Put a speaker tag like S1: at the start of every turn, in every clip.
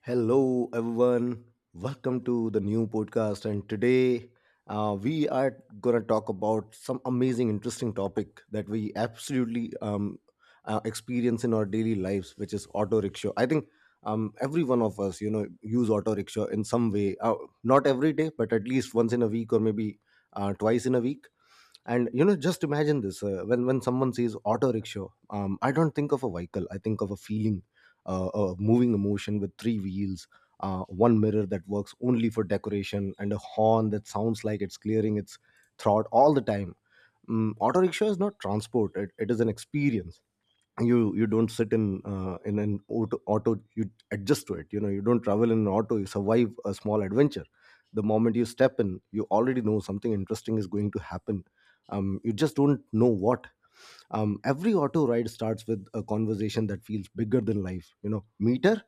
S1: Hello, everyone. Welcome to the new podcast. And today we are going to talk about some amazing, interesting topic that we absolutely experience in our daily lives, which is auto rickshaw. I think every one of us, use auto rickshaw in some way. Not every day, but at least once in a week or maybe twice in a week. And you know Just imagine this, when someone says auto rickshaw, I don't think of a vehicle, I think of a feeling, a moving emotion with three wheels, one mirror that works only for decoration, and a horn that sounds like it's clearing its throat all the time. Auto rickshaw is not transport, it is an experience. You don't sit in an auto, you adjust to it. You don't travel in an auto, you survive a small adventure. The moment you step in, you already know something interesting is going to happen. You just don't know what. Every auto ride starts with a conversation that feels bigger than life. Meter,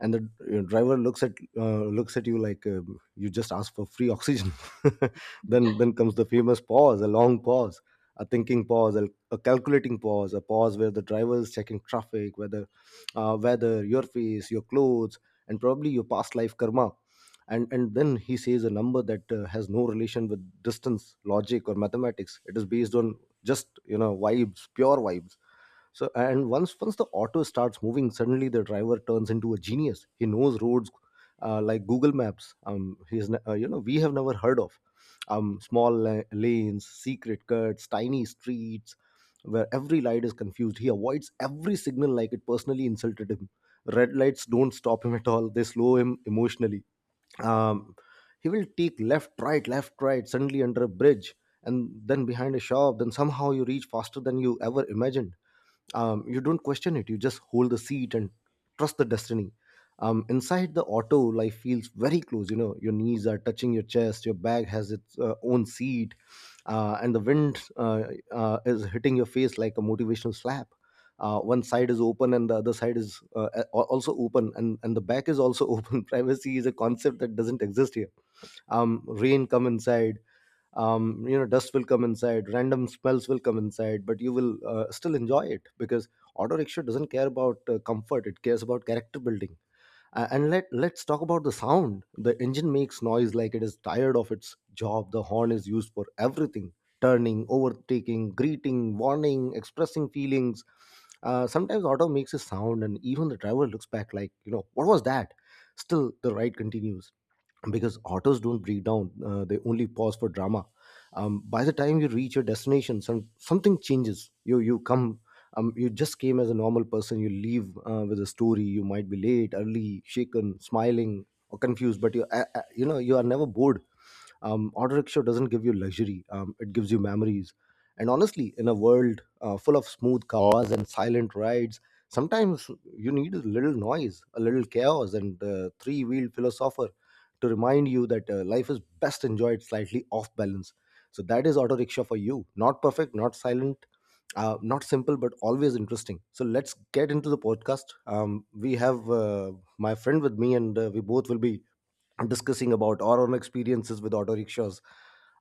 S1: and the driver looks at you like, you just asked for free oxygen. Then comes the famous pause, a long pause, a thinking pause, a calculating pause, a pause where the driver is checking traffic, whether weather, your face, your clothes, and probably your past life karma. And then he says a number that has no relation with distance, logic, or mathematics. It is based on just vibes, pure vibes. So, and once the auto starts moving, suddenly the driver turns into a genius. He knows roads like Google Maps. He's ne- you know We have never heard of small lanes, secret cuts, tiny streets, where every light is confused. He avoids every signal like it personally insulted him. Red lights don't stop him at all, they slow him emotionally. um, he will take left, right, left, right, suddenly under a bridge, and then behind a shop, then somehow you reach faster than you ever imagined. You don't question it, you just hold the seat and trust the destiny. Inside the auto, life feels very close. You know, your knees are touching your chest, your bag has its own seat, and the wind is hitting your face like a motivational slap. One side is open and the other side is also open, and the back is also open. Privacy is a concept that doesn't exist here. Rain come inside, dust will come inside, random smells will come inside, but you will still enjoy it because auto rickshaw doesn't care about comfort, it cares about character building. And let's talk about the sound. The engine makes noise like it is tired of its job. The horn is used for everything: turning, overtaking, greeting, warning, expressing feelings. Sometimes auto makes a sound and even the driver looks back like, you know, what was that. Still the ride continues because autos don't break down, they only pause for drama. By the time you reach your destination, something changes. You just came as a normal person, you leave with a story. You might be late, early, shaken, smiling, or confused, but you you know you are never bored. Auto rickshaw doesn't give you luxury, it gives you memories. And honestly, in a world full of smooth cars and silent rides, sometimes you need a little noise, a little chaos, and three-wheeled philosopher to remind you that life is best enjoyed slightly off balance. So that is auto rickshaw for you. Not perfect, not silent, not simple, but always interesting. So let's get into the podcast. We have my friend with me, and we both will be discussing about our own experiences with auto rickshaws.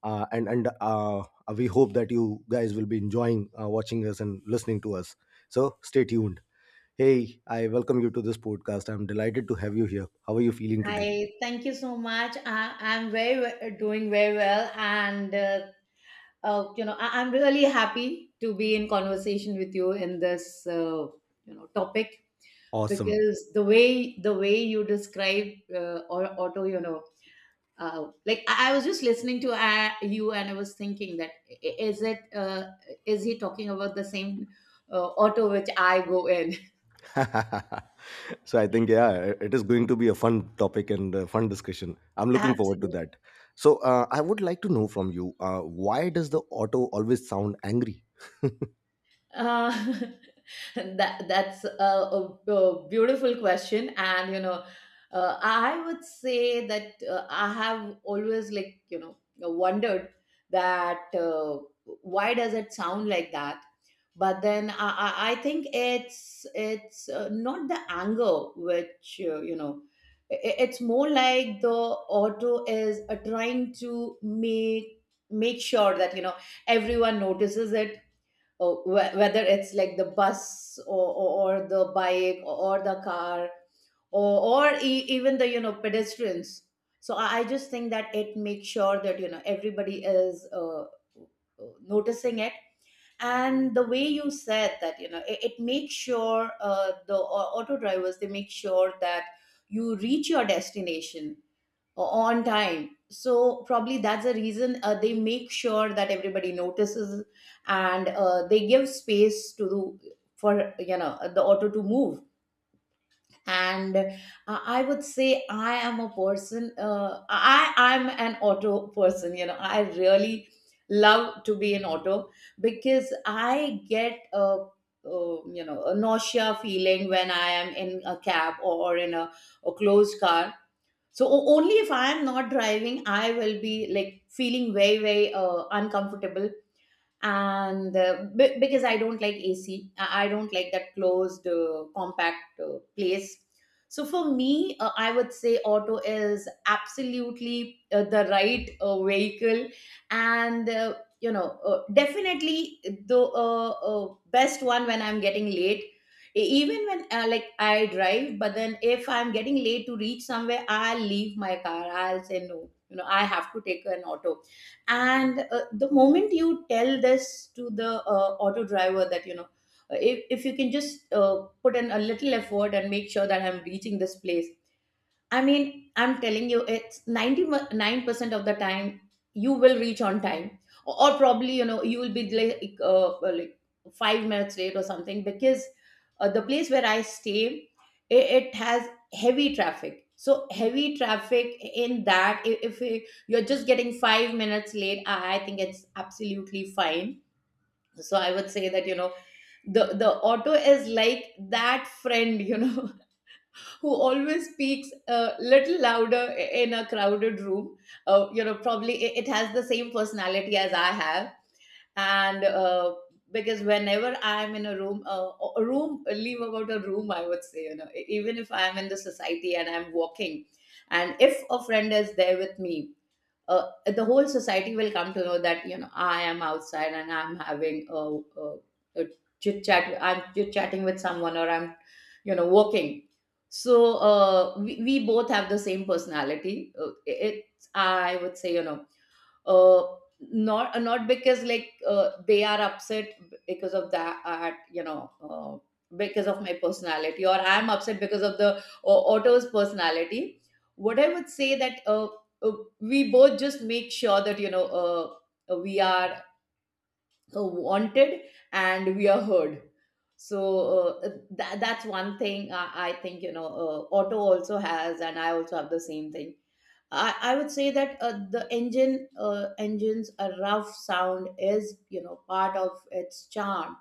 S1: And We hope that you guys will be enjoying watching us and listening to us. So stay tuned. Hey, I welcome you to this podcast. I'm delighted to have you here. How are you feeling today?
S2: Hi, thank you so much. I'm doing very well, and I'm really happy to be in conversation with you in this topic,
S1: Awesome.
S2: because the way you describe or auto I was just listening to you, and I was thinking that I- is it is he talking about the same auto which I go in?
S1: So I think, yeah, it is going to be a fun topic and a fun discussion. I'm looking forward to
S2: Absolutely.
S1: that. So I would like to know from you, why does the auto always sound angry?
S2: Uh, that's a beautiful question, and you know, I would say that I have always like you know wondered that why does it sound like that? But then I think it's not the anger, which it's more like the auto is trying to make sure that you know everyone notices it. Oh, whether it's like the bus or the bike or the car or even the you know pedestrians. So I just think that it makes sure that you know everybody is noticing it. And the way you said that you know it, it makes sure auto drivers, they make sure that you reach your destination on time, so probably that's the reason they make sure that everybody notices and they give space to the for you know the auto to move. And I would say I am a person I I'm an auto person, you know, I really love to be in auto, because I get a you know a nausea feeling when I am in a cab or in a closed car. So only if I am not driving, I will be like feeling very, very uncomfortable. And because I don't like AC, I don't like that closed compact place. So for me, I would say auto is absolutely the right vehicle, and definitely the best one when I'm getting late. Even when like I drive, but then if I'm getting late to reach somewhere, I'll leave my car, I'll say no, you know, I have to take an auto. And the moment you tell this to the auto driver that you know if you can just put in a little effort and make sure that I'm reaching this place, I mean, I'm telling you, it's 99% of the time you will reach on time, or probably, you know, you will be like 5 minutes late or something because the place where I stay, it has heavy traffic. So heavy traffic, in that if you're just getting 5 minutes late, I think it's absolutely fine. So I would say that you know the auto is like that friend, you know, who always speaks a little louder in a crowded room. You know, probably it has the same personality as I have. And because whenever I'm in a room, leave about a room, I would say, you know, even if I'm in the society and I'm walking, and if a friend is there with me, the whole society will come to know that you know I am outside and I'm having a chit chat. I'm chit chatting with someone, or I'm you know walking. So we both have the same personality. It's I would say you know uh, not not because like they are upset because of that, you know, because of my personality, or I'm upset because of the otto's personality. What I would say that uh, we both just make sure that you know we are wanted and we are heard. So that's one thing I think you know otto also has and I also have the same thing. I would say that the engine's a rough sound is you know part of its charm.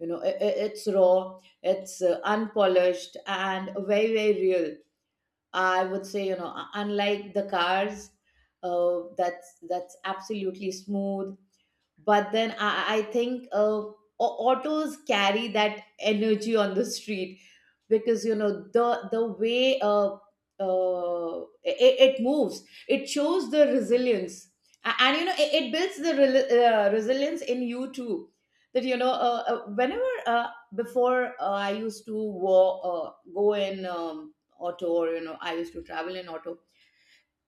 S2: You know it's raw, it's unpolished, and very, very real. I would say you know unlike the cars, that's absolutely smooth, but then I think autos carry that energy on the street, because you know the way it, it moves, it shows the resilience. And you know it, it builds the resilience in you too. That you know, whenever before I used to go in auto, or you know, I used to travel in auto.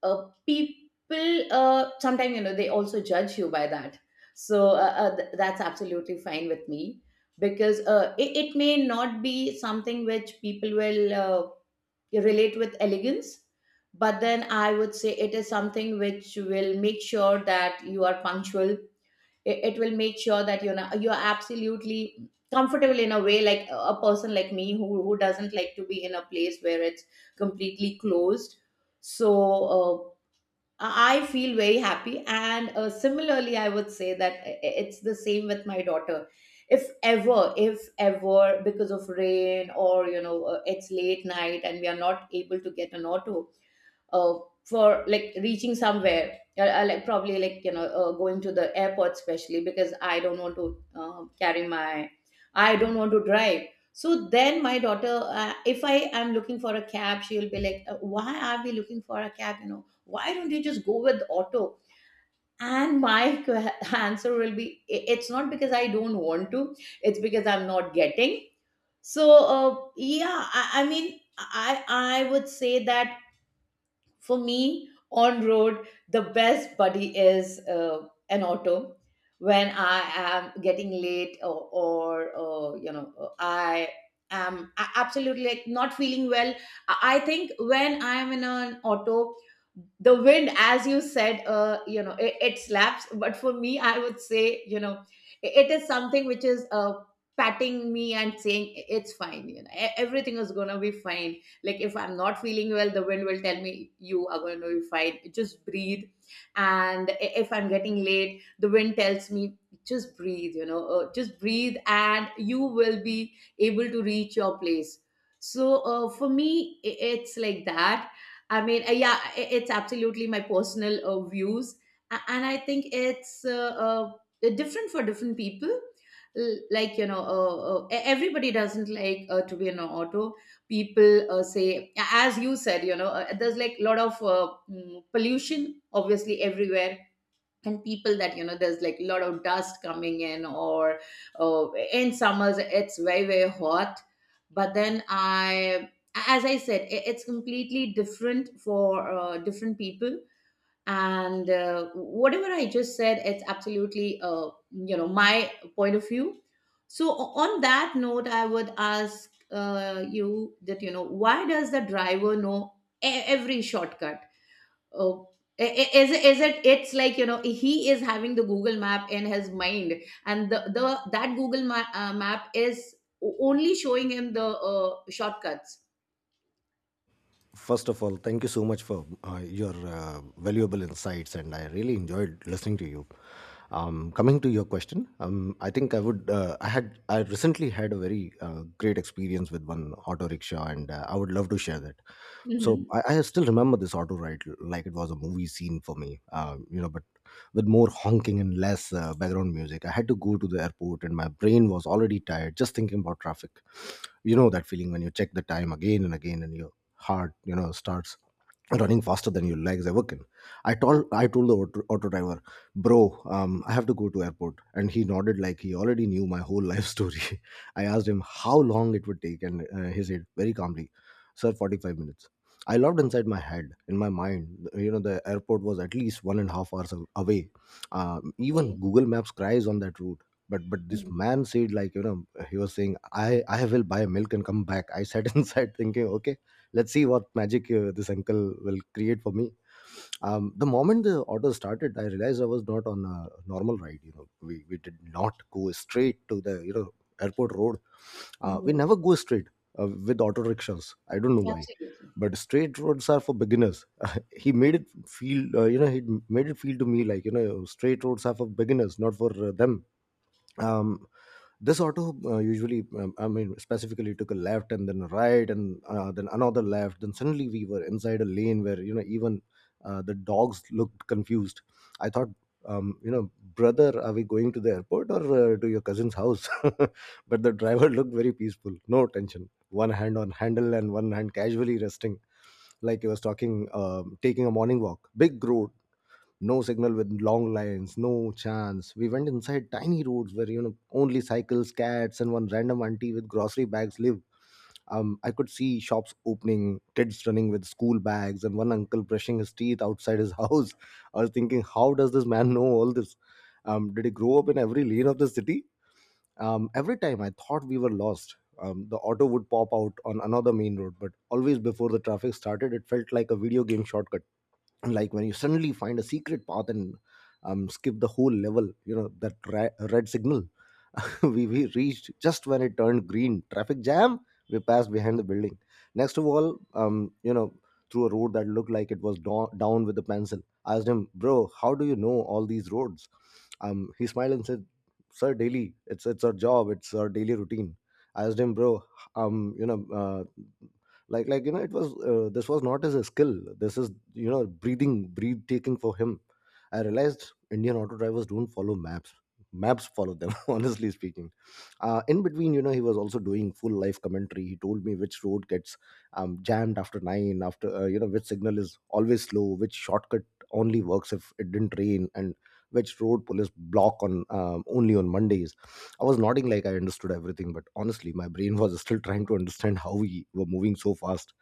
S2: People sometimes you know they also judge you by that. So that's absolutely fine with me, because it, it may not be something which people will relate with elegance, but then I would say it is something which will make sure that you are punctual. It will make sure that you know you're absolutely comfortable in a way, like a person like me who doesn't like to be in a place where it's completely closed. So uh, I feel very happy. And similarly, I would say that it's the same with my daughter. If ever, because of rain, or, you know, it's late night and we are not able to get an auto, uh, for like reaching somewhere, like probably like you know going to the airport, especially because I don't want to carry my I don't want to drive, so then my daughter, if I am looking for a cab, she will be like, why are we looking for a cab, you know, why don't you just go with auto? And my answer will be, "I- "it's not because I don't want to, it's because I'm not getting." So yeah, I mean I would say that for me on road, the best buddy is an auto. When I am getting late, or you know, I am absolutely like not feeling well, I think when I am in an auto, the wind, as you said, you know it, it slaps, but for me I would say you know it is something which is patting me and saying, "I- "it's fine, you know, e- everything is gonna be fine." Like if I'm not feeling well, the wind will tell me, you are going to be fine, just breathe. And if I'm getting late, the wind tells me, just breathe, you know, just breathe, and you will be able to reach your place. So for me, it's like that. I mean, yeah, it's absolutely my personal views. And I think it's different for different people. Like you know, everybody doesn't like to be in an auto. People say, as you said, you know, there's like a lot of pollution obviously everywhere, and people that you know there's like a lot of dust coming in, or in summers it's very, very hot. But then I as I said, it, it's completely different for different people, and whatever I just said, it's absolutely you know my point of view. So on that note, I would ask you that you know, why does the driver know every shortcut? uh, is it, it's like you know, he is having the Google map in his mind, and the that Google map is only showing him the shortcuts.
S1: First of all, thank you so much for your valuable insights, and I really enjoyed listening to you. Coming to your question, I think I would. I had. I recently had a very great experience with one auto rickshaw, and I would love to share that. So I,
S2: Mhm.
S1: I still remember this auto ride like it was a movie scene for me. But with more honking and less background music. I had to go to the airport, and my brain was already tired just thinking about traffic. You know that feeling when you check the time again and again, and you heart, starts running faster than your legs ever can. I told the auto driver, bro, I have to go to airport, and he nodded like he already knew my whole life story. I asked him how long it would take, and he said very calmly, sir, 45 minutes. I loved inside my head, in my mind, you know, the airport was at least 1.5 hours away. Even
S2: Okay.
S1: Google Maps cries on that route. But this
S2: Mhm.
S1: man said, like, you know, he was saying, I will buy milk and come back. I sat inside thinking, okay, let's see what magic this uncle will create for me. The moment the auto started, I realized I was not on a normal ride. You know, we did not go straight to the, airport road. We
S2: Mhm.
S1: never go straight, with auto rickshaws, I don't know why,
S2: Absolutely.
S1: but straight roads are for beginners. he made it he made it feel to me like, you know, straight roads are for beginners, not for them. um, this auto usually I mean specifically took a left, and then a right, and then another left, then suddenly we were inside a lane where, you know, even the dogs looked confused. I thought, brother, are we going to the airport or to your cousin's house? But the driver looked very peaceful, no tension, one hand on handle and one hand casually resting, like he was talking taking a morning walk. Big road, no signal with long lines, no chance. We went inside tiny roads where, you know, only cycles, cats, and one random auntie with grocery bags live. I could see shops opening, kids running with school bags, and one uncle brushing his teeth outside his house. I was thinking, how does this man know all this? Did he grow up in every lane of the city? Every time I thought we were lost, the auto would pop out on another main road, but always before the traffic started. It felt like a video game shortcut, like when you suddenly find a secret path and skip the whole level. You know that red signal? We reached just when it turned green. Traffic jam, we passed behind the building, next of all, through a road that looked like it was down with a pencil. I asked him, bro, how do you know all these roads? He smiled and said, sir, daily, it's our job, it's our daily routine. I asked him, bro, um, you know uh, like you know, it was this was not as a skill, this is, you know, breathing, breath taking for him. I realized Indian auto drivers don't follow maps, maps follow them. Honestly speaking, in between, you know, he was also doing full life commentary. He told me which road gets jammed after 9, after which signal is always slow, which shortcut only works if it didn't rain, and which road police block on, only on Mondays. I was nodding like I understood everything, but honestly, my brain was still trying to understand how we were moving so fast.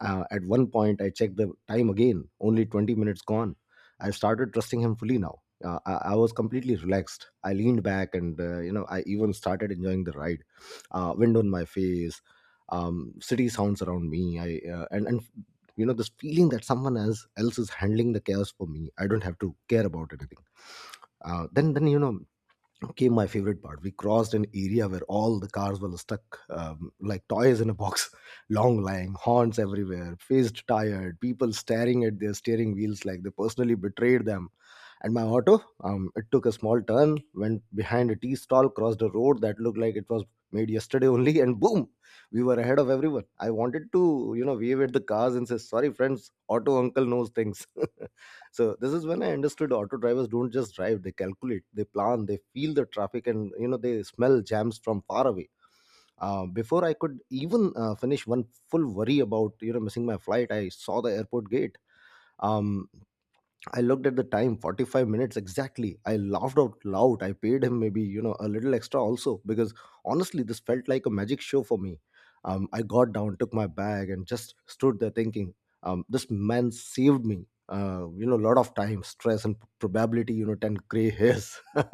S1: At one point, I checked the time again, only 20 minutes gone. I started trusting him fully now. I was completely relaxed. I leaned back and, I even started enjoying the ride. Wind on my face, city sounds around me. I And this feeling that someone else is handling the chaos for me. I don't have to care about anything. Then came my favorite part. We crossed an area where all the cars were stuck, like toys in a box, long lying, horns everywhere, faced tired, people staring at their steering wheels like they personally betrayed them. And my auto, it took a small turn, went behind a tea stall, crossed a road that looked like it was made yesterday only, and boom, we were ahead of everyone. I wanted to, wave at the cars and say, "Sorry, friends, auto uncle knows things." So this is when I understood auto drivers don't just drive. They calculate, they plan, they feel the traffic, and they smell jams from far away. Before I could even finish one full worry about missing my flight, I saw the airport gate. um, I looked at the time, 45 minutes exactly. I laughed out loud. I paid him maybe, a little extra also, because honestly, this felt like a magic show for me. I got down, took my bag, and just stood there thinking, this man saved me. A lot of time, stress, and probability, 10 gray hairs.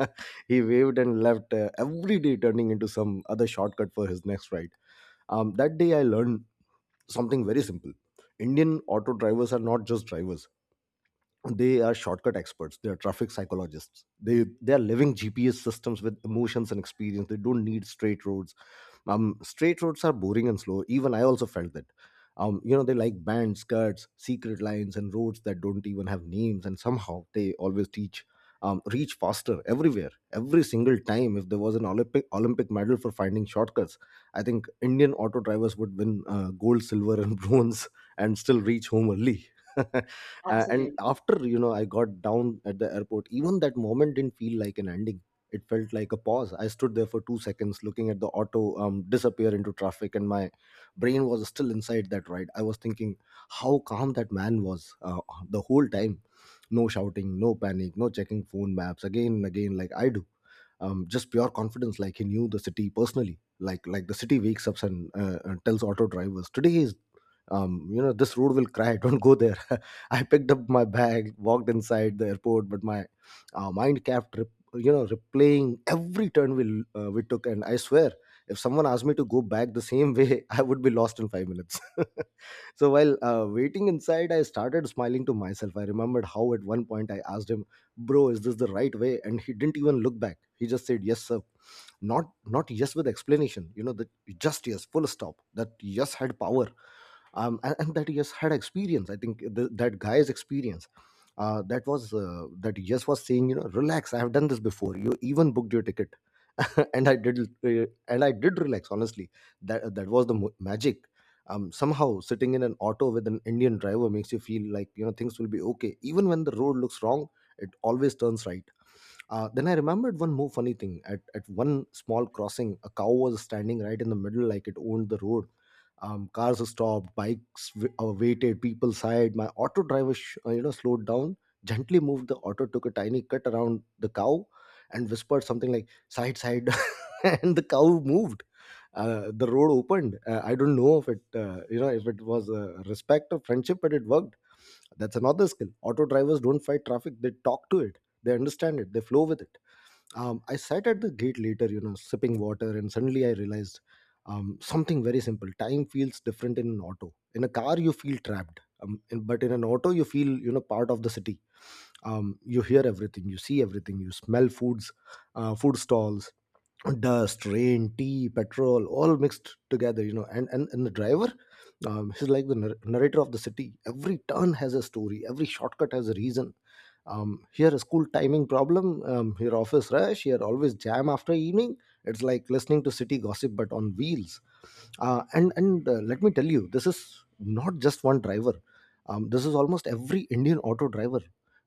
S1: He waved and left, every day, turning into some other shortcut for his next ride. That day, I learned something very simple. Indian auto drivers are not just drivers, they are shortcut experts, they are traffic psychologists, they are living GPS systems with emotions and experience. They don't need straight roads. Straight roads are boring and slow. Even I also felt that. They like bands skirts secret lines and roads that don't even have names, and somehow they always teach, reach faster everywhere every single time. If there was an Olympic medal for finding shortcuts, I think Indian auto drivers would win gold, silver, and bronze, and still reach home early. And
S2: Absolutely.
S1: after I got down at the airport, even that moment didn't feel like an ending. It felt like a pause. I stood there for 2 seconds looking at the auto disappear into traffic, and my brain was still inside that ride. I was thinking how calm that man was the whole time. No shouting, no panic, no checking phone maps again and again like I do. Just pure confidence, like he knew the city personally, like the city wakes up and tells auto drivers today is, this road will cry, don't go there. I picked up my bag, walked inside the airport, but my mind kept, replaying every turn we took. And I swear, if someone asked me to go back the same way, I would be lost in 5 minutes. So while waiting inside, I started smiling to myself. I remembered how at one point I asked him, "Bro, is this the right way?" And he didn't even look back. He just said, "Yes, sir." Not yes with explanation. You know, the just yes, full stop. That yes had power. And that he has had experience. I think that guy's experience. That yes was saying, relax, I have done this before you even booked your ticket. and i did and I did relax, honestly. That was the magic. Somehow, sitting in an auto with an Indian driver makes you feel like, things will be okay even when the road looks wrong. It always turns right. Then I remembered one more funny thing. At one small crossing, a cow was standing right in the middle, like it owned the road. Cars stopped, bikes waited, people sighed. My auto driver, slowed down, gently moved the auto, took a tiny cut around the cow, and whispered something like "side, side," and the cow moved. The road opened. I don't know if it was respect or friendship, but it worked. That's another skill. Auto drivers don't fight traffic; they talk to it, they understand it, they flow with it. I sat at the gate later, sipping water, and suddenly I realized something very simple. Time feels different in an auto. In a car, you feel trapped, but in an auto, you feel, part of the city. You hear everything, you see everything, you smell food stalls, dust, rain, tea, petrol all mixed together, and the driver, he's like the narrator of the city. Every turn has a story, every shortcut has a reason. Here a school timing problem, here office rush, here always jam after evening. It's like listening to city gossip, but on wheels. And Let me tell you, this is not just one driver. This is almost every Indian auto driver.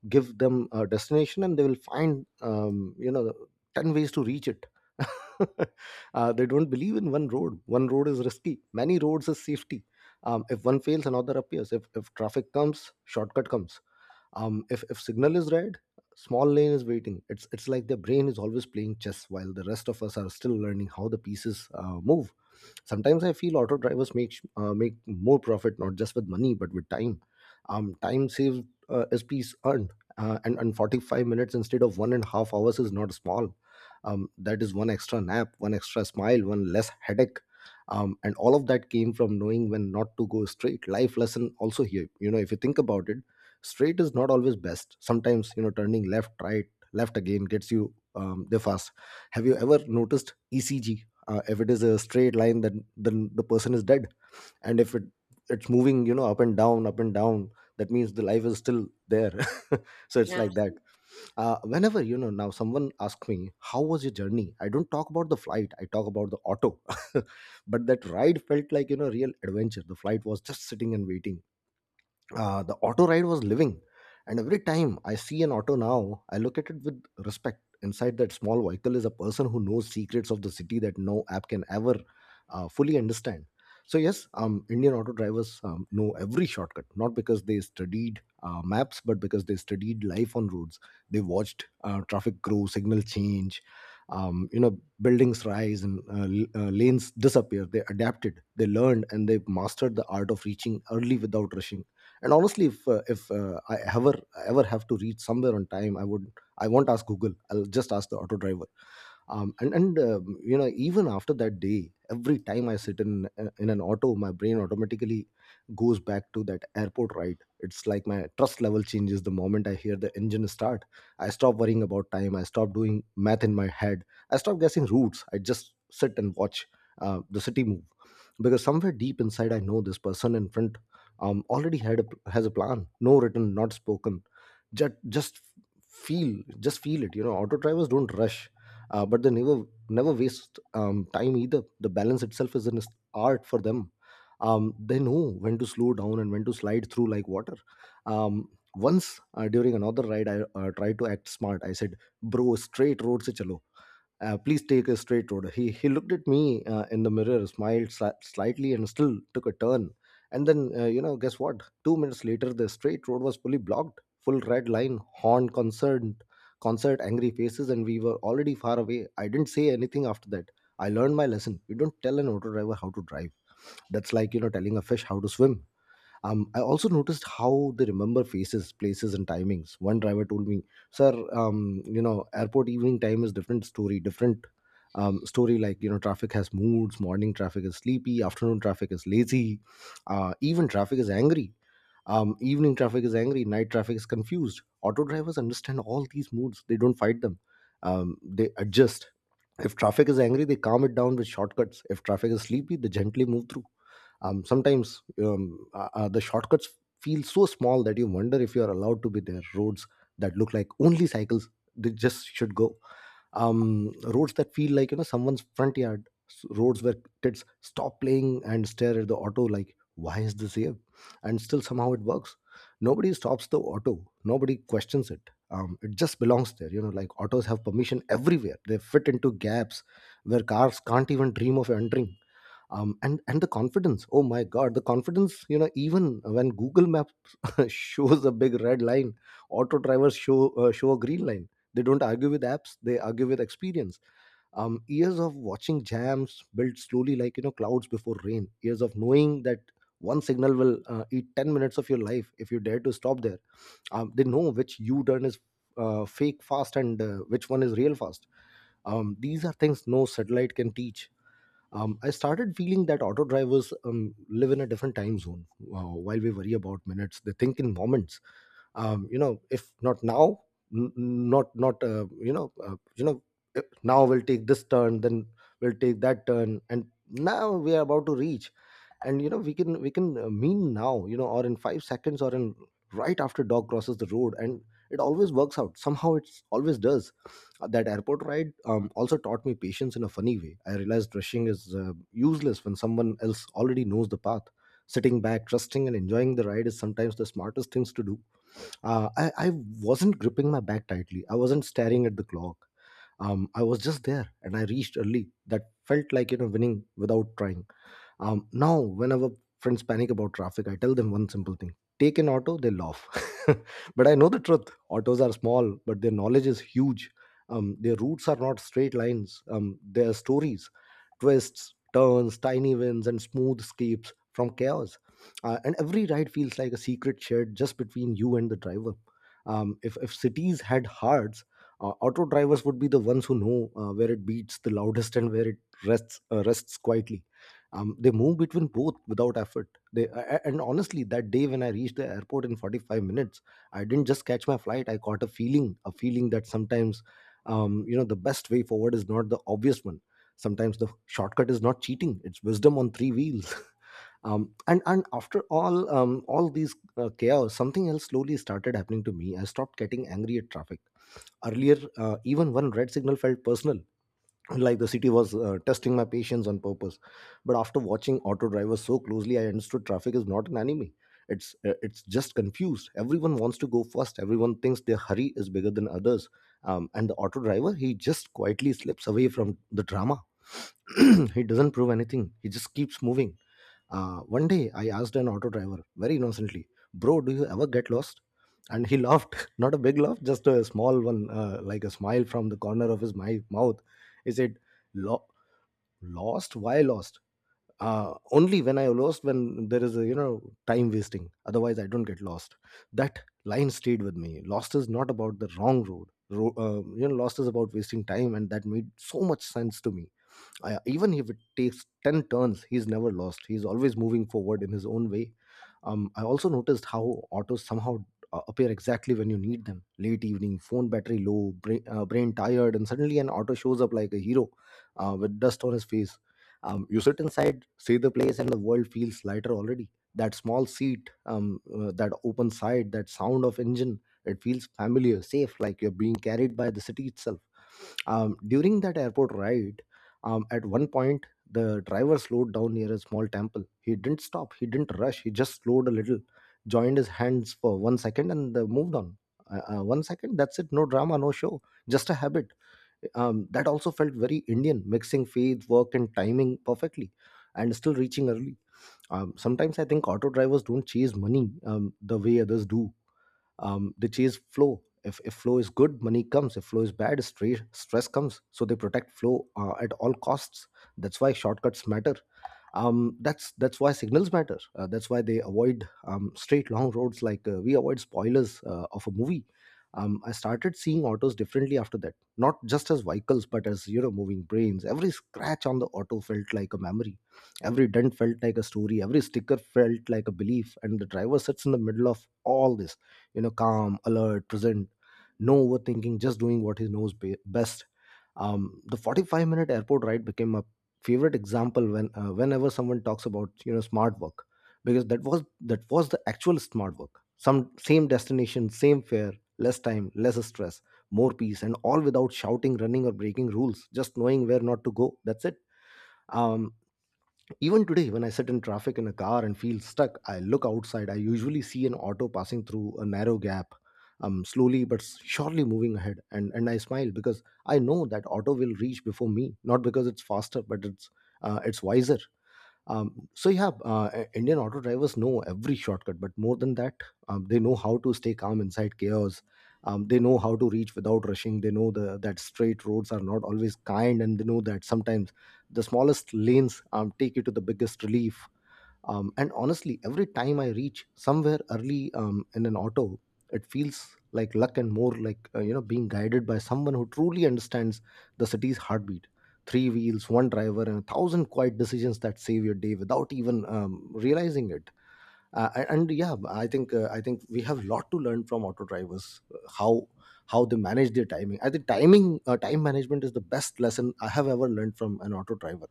S1: Give them a destination and they will find, 10 ways to reach it. They don't believe in one road. One road is risky, many roads is safety. If one fails, another appears. If traffic comes, shortcut comes. If signal is red, small lane is waiting. It's like their brain is always playing chess while the rest of us are still learning how the pieces move. Sometimes I feel auto drivers make more profit, not just with money but with time. Time saved is piece earned. And 45 minutes instead of 1.5 hours is not small. That is one extra nap, one extra smile, one less headache. And all of that came from knowing when not to go straight. Life lesson also here, if you think about it, straight is not always best. Sometimes, turning left, right, left again gets you there fast. Have you ever noticed ECG? If it is a straight line, then the person is dead. And if it's moving, up and down, up and down, that means the life is still there. So it's like that.
S2: Absolutely.
S1: Whenever, now someone asks me how was your journey, I don't talk about the flight, I talk about the auto. But that ride felt like, real adventure. The flight was just sitting and waiting. The auto ride was living. And every time I see an auto now, I look at it with respect. Inside that small vehicle is a person who knows secrets of the city that no app can ever fully understand. So yes, Indian auto drivers, know every shortcut, not because they studied maps, but because they studied life on roads. They watched traffic grow, signal change, buildings rise, and lanes disappear. They adapted, they learned, and they mastered the art of reaching early without rushing. And honestly, if I ever have to reach somewhere on time, I won't ask Google, I'll just ask the auto driver. Um, and and um, you know even after that day, every time I sit in an auto, my brain automatically goes back to that airport ride. It's like my trust level changes the moment I hear the engine start. I stop worrying about time, I stop doing math in my head, I stop guessing routes, I just sit and watch the city move. Because somewhere deep inside, I know this person in front, already has a plan. No written, not spoken, just feel, just feel it, auto drivers don't rush, but they never waste time either. The balance itself is an art for them. They know when to slow down and when to slide through like water. um, Once, during another ride, I tried to act smart. I said, "Bro, straight road se chalo. Please take a straight road." He looked at me in the mirror, smiled slightly, and still took a turn. And then, guess what? 2 minutes later, the straight road was fully blocked, full red line, horn, concerned, concert, angry faces, and we were already far away. I didn't say anything after that. I learned my lesson. You don't tell an auto driver how to drive. That's like, you know, telling a fish how to swim. I also noticed how they remember faces, places, and timings. One driver told me, "Sir, you know, airport evening time is different story, different story. Like you know, traffic has moods. Morning traffic is sleepy. Afternoon traffic is lazy. Even traffic is angry. Evening traffic is angry. Night traffic is confused. Auto drivers understand all these moods. They don't fight them. They adjust. If traffic is angry, they calm it down with shortcuts. If traffic is sleepy, they gently move through." Sometimes the shortcuts feel so small that you wonder if you are allowed to be there, roads that look like only cycles they just should go, roads that feel like you know someone's front yard, roads where kids stop playing and stare at the auto like why is this here, and still somehow it works. Nobody stops the auto, nobody questions it. It just belongs there, you know, like autos have permission everywhere. They fit into gaps where cars can't even dream of entering. And the confidence, oh my god, the confidence, you know, even when Google Maps shows a big red line, auto drivers show show a green line. They don't argue with apps, they argue with experience. Years of watching jams build slowly like, you know, clouds before rain. Years of knowing that one signal will eat 10 minutes of your life if you dare to stop there. They know which U-turn is fake fast and which one is real fast. These are things no satellite can teach. I started feeling that auto drivers live in a different time zone. While we worry about minutes, they think in moments. You know, if not now, n- n- not not you know, you know, eh, now we'll take this turn, then we'll take that turn, and now we are about to reach. And you know, we can mean now, you know, or in 5 seconds or in right after dog crosses the road. And it always works out somehow, it's always does. That airport ride also taught me patience in a funny way. I realized rushing is useless when someone else already knows the path. Sitting back, trusting, and enjoying the ride is sometimes the smartest things to do. I wasn't gripping my bag tightly, I wasn't staring at the clock. I was just there and I reached early. That felt like, you know, winning without trying. Now, whenever friends panic about traffic, I tell them one simple thing: take an auto. They laugh. But I know the truth, autos are small, but their knowledge is huge. Their routes are not straight lines, they are stories, twists, turns, tiny wins, and smooth escapes from chaos. And every ride feels like a secret shared just between you and the driver. If cities had hearts, auto drivers would be the ones who know where it beats the loudest and where it rests, rests quietly. They move between both without effort. And honestly, that day when I reached the airport in 45 minutes, I didn't just catch my flight, I caught a feeling. A feeling that sometimes you know, the best way forward is not the obvious one. Sometimes the shortcut is not cheating, it's wisdom on three wheels. And after all these chaos, something else slowly started happening to me. I stopped getting angry at traffic. Earlier, even one red signal felt personal, like the city was testing my patience on purpose. But after watching auto drivers so closely, I understood traffic is not an enemy. It's just confused. Everyone wants to go first, everyone thinks their hurry is bigger than others. And the auto driver, he just quietly slips away from the drama. He doesn't prove anything, he just keeps moving. One day, I asked an auto driver very innocently, "Bro, do you ever get lost?" And he laughed, not a big laugh, just a small one, like a smile from the corner of his mouth. He said, "Lo- Lost? Why lost? Only when I lost, when there is a, you know, time wasting. Otherwise, I don't get lost." That line stayed with me. Lost is not about the wrong road. You know, lost is about wasting time, and that made so much sense to me. I, even if it takes 10 turns, he's never lost, he's always moving forward in his own way. I also noticed how autos somehow appear exactly when you need them. Late evening, phone battery low, brain tired, and suddenly an auto shows up like a hero, with dust on his face. You sit inside, see the place, and the world feels lighter already. That small seat, that open side, that sound of engine, it feels familiar, safe, like you're being carried by the city itself. During that airport ride, at one point, the driver slowed down near a small temple. He didn't stop, he didn't rush, he just slowed a little, joined his hands for 1 second, and moved on. 1 second, that's it. No drama, no show, just a habit. That also felt very Indian, mixing faith, work, and timing perfectly, and still reaching early. Sometimes I think auto drivers don't chase money the way others do. They chase flow. If flow is good, money comes. If flow is bad, stress, stress comes. So they protect flow at all costs. That's why shortcuts matter. That's why signals matter. That's why they avoid straight long roads like we avoid spoilers of a movie. I started seeing autos differently after that, not just as vehicles but as, you know, moving brains. Every scratch on the auto felt like a memory, every dent felt like a story, every sticker felt like a belief. And the driver sits in the middle of all this, you know, calm, alert, present, no overthinking, just doing what he knows best. The 45 minute airport ride became my favorite example when whenever someone talks about, you know, smart work. Because that was the actual smart work. Some, same destination, same fare, less time, less stress, more peace, and all without shouting, running, or breaking rules. Just knowing where not to go, that's it. um Even today, when I sit in traffic in a car and feel stuck, I look outside. I usually see an auto passing through a narrow gap, slowly but surely moving ahead. And I smile because I know that auto will reach before me, not because it's faster, but it's wiser. So yeah, Indian auto drivers know every shortcut, but more than that, they know how to stay calm inside chaos. They know how to reach without rushing. They know that straight roads are not always kind, and they know that sometimes the smallest lanes take you to the biggest relief. And honestly, every time I reach somewhere early in an auto, it feels like luck, and more like you know, being guided by someone who truly understands the city's heartbeat. Three wheels, one driver, and a thousand quiet decisions that save your day without even realizing it. And yeah, I think we have a lot to learn from auto drivers. How they manage their timing. I think timing time management is the best lesson I have ever learned from an auto driver.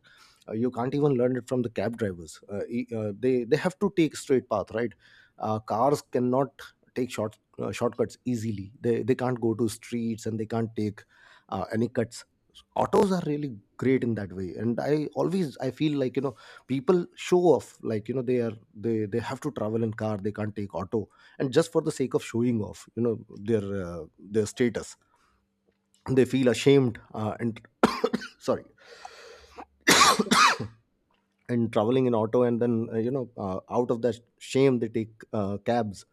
S1: You can't even learn it from the cab drivers. They have to take straight path, right? Cars cannot take shortcuts easily. They can't go to streets and they can't take any cuts. Autos are really great in that way. And I feel like, you know, people show off like, you know, they are they have to travel in car, they can't take auto. And just for the sake of showing off, you know, their status, they feel ashamed. And sorry,
S2: Okay.
S1: and traveling in auto, and then out of that shame they take cabs,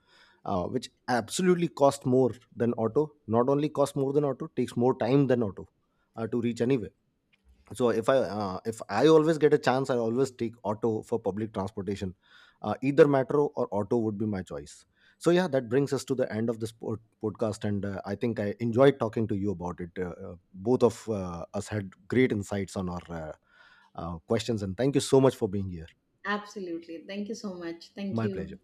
S1: which absolutely cost more than auto. Not only cost more than auto, takes more time than auto to reach anywhere. So if I always get a chance, I always take auto for public transportation. Either metro or auto would be my choice. So yeah, that brings us to the end of this podcast, and I think I enjoyed talking to you about it. Both of us had great insights on our questions, and thank you so much for being here.
S2: Absolutely. Thank you so much. Thank
S1: My
S2: you.
S1: pleasure.